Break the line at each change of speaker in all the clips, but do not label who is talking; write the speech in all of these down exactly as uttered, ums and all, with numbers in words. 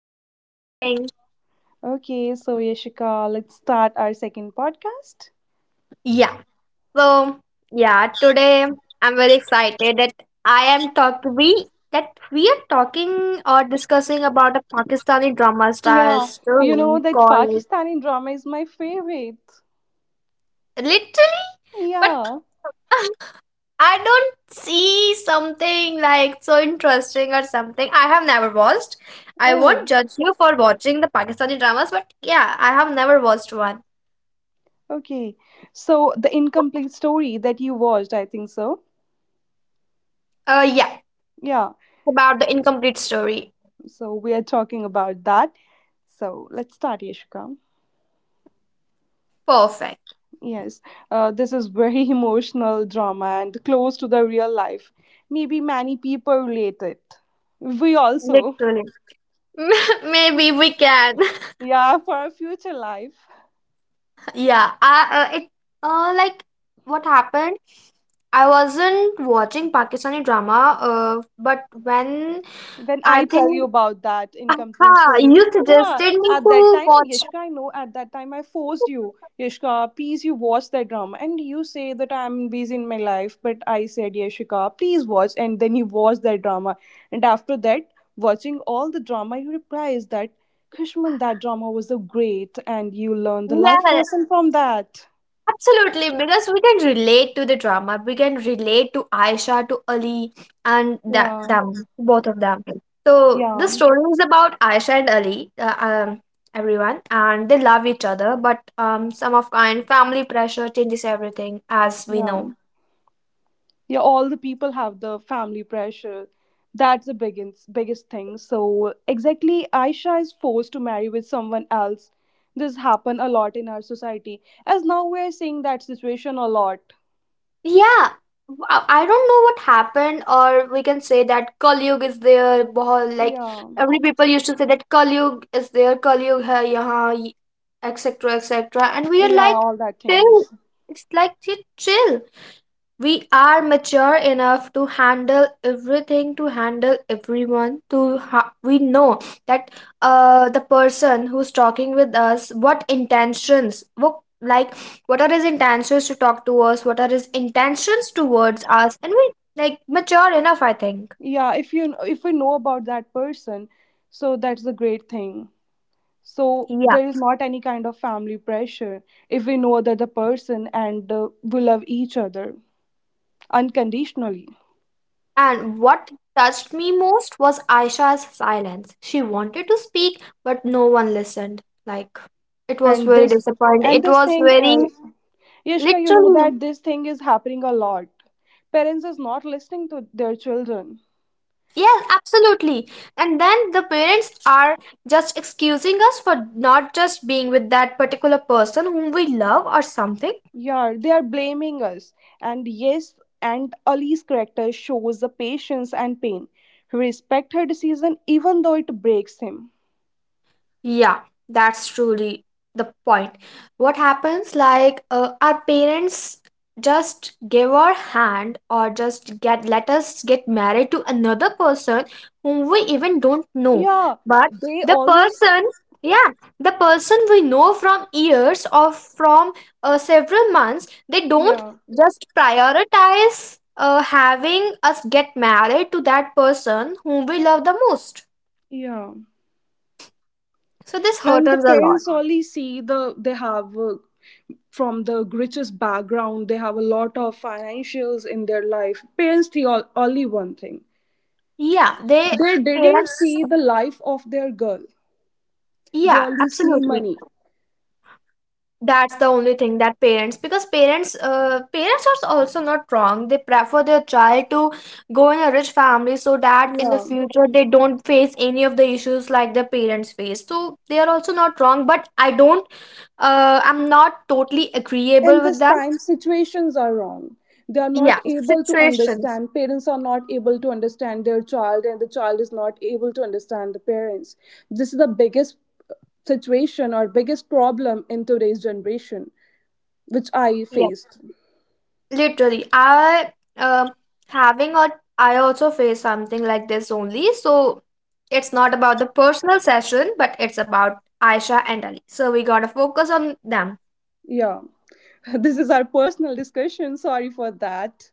Thank you for asking.
Okay, so Yashika, let's start our second podcast.
Yeah. So, yeah, today I'm very excited that I am talk we that we are talking or discussing about a Pakistani drama style
Yeah, you know
story
that
called
Pakistani drama is my favorite.
literally, but
Yeah.
I don't see something like so interesting or something. I have never watched. I won't
Oh,
judge you for watching the Pakistani dramas, but yeah, I have never watched one.
okay. So, the incomplete story that you watched, I think so.
Uh, yeah,
Yeah,
it's about the incomplete story.
so we are talking about that. So, let's start, Yashika.
Perfect.
Yes, uh, this is very emotional drama and close to the real life. Maybe many people relate it. We also,
Literally. Maybe we can.
yeah, for our future life.
yeah, I, uh, it, uh, like what happened? I wasn't watching Pakistani drama, uh, but when
When
I
I tell
think,
you about that incomplete
aha,
story.
you
Yeah,
suggested me
at that
to
time,
watch.
Yashka, I know at that time I forced you, Yashka, please you watch that drama. And you say that I'm busy in my life, but I said, Yashika, please watch. And then you watch that drama. And after that, watching all the drama, you realize that, Krishman, that drama was so great. And you learned the life
Yeah,
lesson from that.
absolutely, because we can relate to the drama. We can relate to Aisha, to Ali, and that
Yeah,
them, both of them. So the
yeah,
story is about Aisha and Ali, uh, um, everyone, and they love each other. But um, some of kind family pressure changes everything, as we
yeah.
know.
Yeah, all the people have the family pressure, that's the biggest biggest thing. So exactly, Aisha is forced to marry with someone else. This happen a lot in our society, as now we're seeing that situation a lot.
Yeah, I I I don't know what happened, or we can say that Kalyug is there. Bahut, like
Yeah,
every people used to say that Kalyug is there, Kalyug hai yahan, et cetera, et cetera. And we are
yeah,
like,
all that
chill.
things.
It's like, chill, chill, we are mature enough to handle everything, to handle everyone, to ha- we know that uh the person who's talking with us, what intentions, what like what are his intentions to talk to us, what are his intentions towards us, and we like mature enough, I think.
Yeah, if you if we know about that person, so that's a great thing. So
Yeah.
there is not any kind of family pressure if we know that the person and, uh, we love each other unconditionally.
And what touched me most was Aisha's silence. She wanted to speak but no one listened. Like it was
and
very
this
disappointing,
and
it
this
was
thing,
very
uh, Yashka, you know
literally.
that this thing is happening a lot. Parents is not listening to their children.
Yes, absolutely. And then the parents are just excusing us for not just being with that particular person whom we love or something.
Yeah, they are blaming us. And yes, and Ali's character shows the patience and pain, respect her decision even though it breaks him.
Yeah, that's truly the point. What happens like uh, our parents just give our hand or just get let us get married to another person whom we even don't know.
Yeah,
But
they
the
always.
person, yeah, the person we know from years or from uh, several months, they don't
Yeah,
just prioritize uh, having us get married to that person whom we love the most.
yeah.
So this hurts
And the
us a lot.
parents only see the, they have, uh, from the richest background, they have a lot of financials in their life. Parents see all, only one thing.
Yeah, they
They didn't
parents.
see the life of their girl. They
Yeah,
only see
absolutely.
money.
That's the only thing that parents, because parents, uh, parents are also not wrong. They prefer their child to go in a rich family so that in the
Yeah.
future they don't face any of the issues like their parents face. So they are also not wrong. But I don't. Uh, I'm not totally agreeable
And
with
this
them.
time situations are wrong. They are not
Yeah,
able to
situations.
understand, parents are not able to understand their child and the child is not able to understand the parents. This is the biggest, uh, situation or biggest problem in today's generation, which I
Yeah.
faced.
Literally, I um having or I also face something like this only. So it's not about the personal session, but it's about Aisha and Ali. So we gotta focus on them.
Yeah. This is our personal discussion. Sorry for that.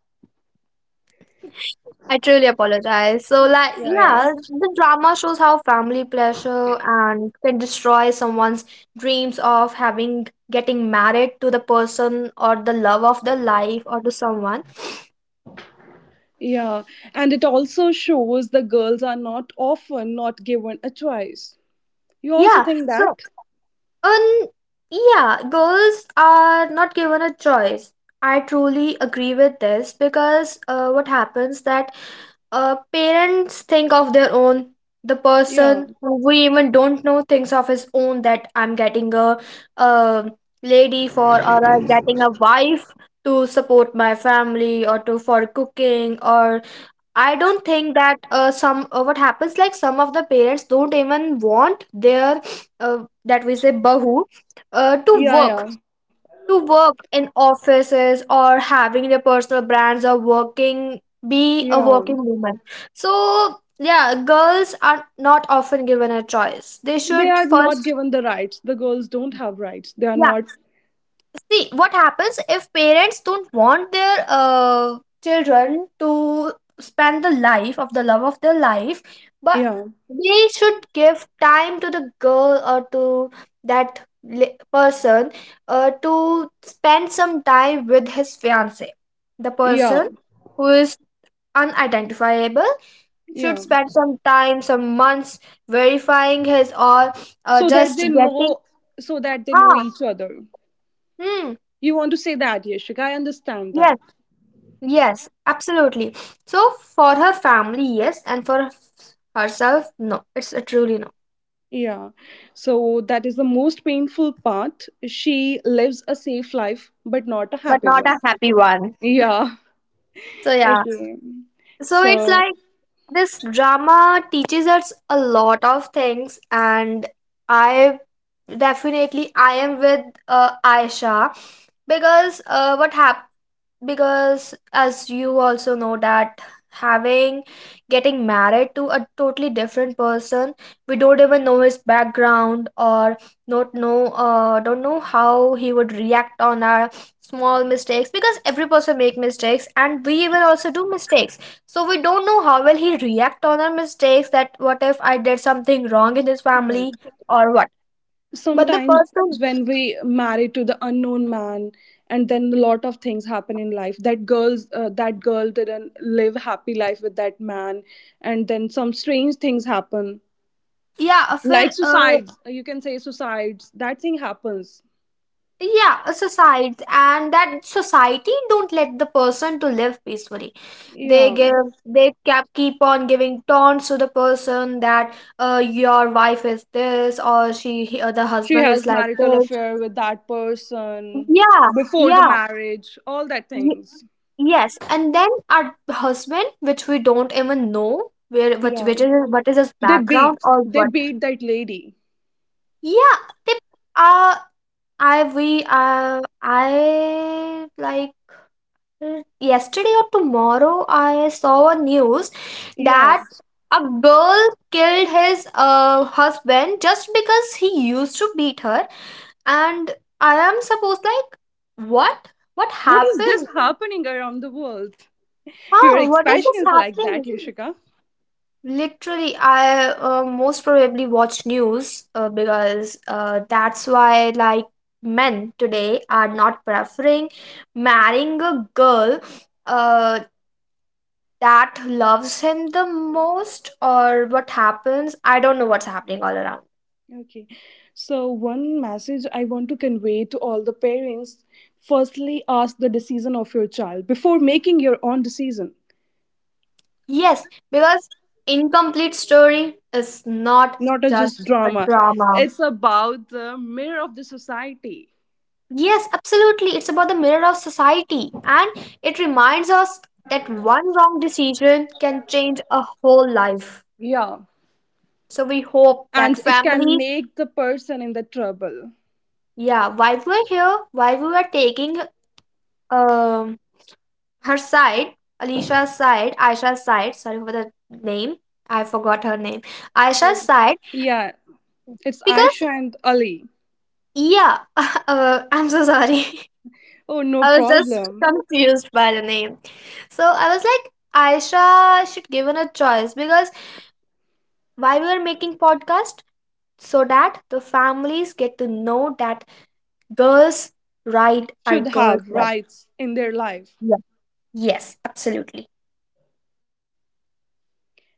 I truly apologize. So like
Yeah, yeah.
yeah, the drama shows how family pressure and can destroy someone's dreams of having getting married to the person or the love of their life or to someone.
Yeah. And it also shows the girls are not often not given a choice. You also
Yeah.
think that?
So Um, yeah, girls are not given a choice. I truly agree with this because uh, what happens that uh, parents think of their own. The
Yeah.
person who we even don't know thinks of his own that I'm getting a um lady for or I'm getting a wife to support my family or to for cooking or I don't think that uh, some uh, what happens like some of the parents don't even want their uh, that we say bahu uh, to
Yeah,
work,
yeah.
to work in offices or having their personal brands or working be a
Yeah.
working woman. So yeah, girls are not often given a choice. They
They
should
are not
first
given the rights. The girls don't have rights. They are
yeah.
not.
See, what happens if parents don't want their uh, children to spend the life of the love of their life, but
Yeah.
they should give time to the girl or to that li- person uh, to spend some time with his fiance. The
Yeah.
person who is unidentifiable should
Yeah.
spend some time, some months verifying his or uh,
So that
just
they
getting.
know, so that they know each other.
Hmm.
You want to say that, Yashika, I understand that.
Yes, absolutely. So for her family, yes, and for herself, no. It's a truly no.
Yeah. So that is the most painful part. She lives a safe life, but not a
But
happy
not
one.
a happy one.
Yeah.
So yeah,
Okay.
so it's
So,
like this drama teaches us a lot of things, and I definitely I am with uh, Aisha because uh, what happened. Because as you also know that having getting married to a totally different person, we don't even know his background or not know, uh, don't know how he would react on our small mistakes, because every person make mistakes and we even also do mistakes, so we don't know how will he react on our mistakes, that what if I did something wrong in his
yeah.
family or what but the
Sometimes when
person,
we marry to the unknown man, and then a lot of things happen in life. That girls, uh, that girl didn't live happy life with that man, and then some strange things happen,
yeah,
like
फिर
suicides. You can say suicides. That thing happens.
yeah, a society and that society don't let the person to live peacefully. They
Yeah.
give, they kept keep on giving taunts to the person that uh, your wife is this or she he- uh, the
She
husband is
has
like
marital
this.
affair with that person
Yeah,
before the
yeah,
marriage, all that
y-
things.
yes. And then our husband which we don't even know where which,
Yeah,
which is what is his
they
background
beat
or
they
what.
beat that lady.
Yeah. they, uh I we uh I like Mm, yesterday or tomorrow, I saw a news
Yeah.
that a girl killed his uh, husband just because he used to beat her. And I am supposed like, what? What
What is
happened?
this happening around the world? Your
Huh? What is
expression
this
is like that,
happening?
Yoshika.
Literally, I uh, most probably watch news uh, because uh, that's why like men today are not preferring marrying a girl uh that loves him the most or what happens, I don't know what's happening all around.
Okay, so one message I want to convey to all the parents: firstly, ask the decision of your child before making your own decision.
Yes, because incomplete story is not
Not a just
just a
drama,
drama.
it's about the mirror of the society.
Yes, absolutely, it's about the mirror of society, and it reminds us that one wrong decision can change a whole life.
Yeah,
So we hope that
and it can
families,
make the person in the trouble.
yeah, while we are here, while we are taking um her side, Alicia's side, Aisha's side, sorry for the name. I forgot her name. Aisha's side,
Yeah, it's
because,
Aisha and Ali.
yeah, uh, I'm so sorry.
Oh, no
I was just
problem.
confused by the name. So I was like, Aisha should given a choice, because why we are making podcast so that the families get to know that girls right are
Should
girls
have
right.
rights in their life.
Yeah. Yes, absolutely.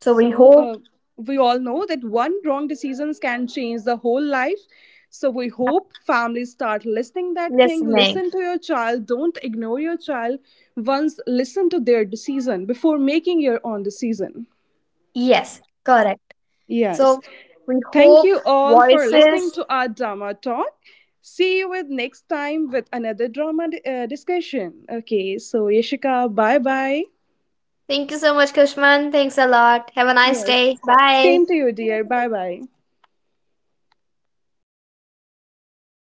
So we
uh,
hope
we all know that one wrong decisions can change the whole life. So we hope families start listening that thing.
listening.
Listen to your child. Don't ignore your child. Once listen to their decision before making your own decision.
Yes, correct.
Yes.
So we
Thank
hope
you all for listening
voices.
to our drama talk. See you with next time with another drama uh, discussion. Okay, so Yashika, bye bye.
Thank you so much, Kushman. Thanks a lot. Have a nice
Yes.
day. Bye.
Same to you, dear. Bye bye.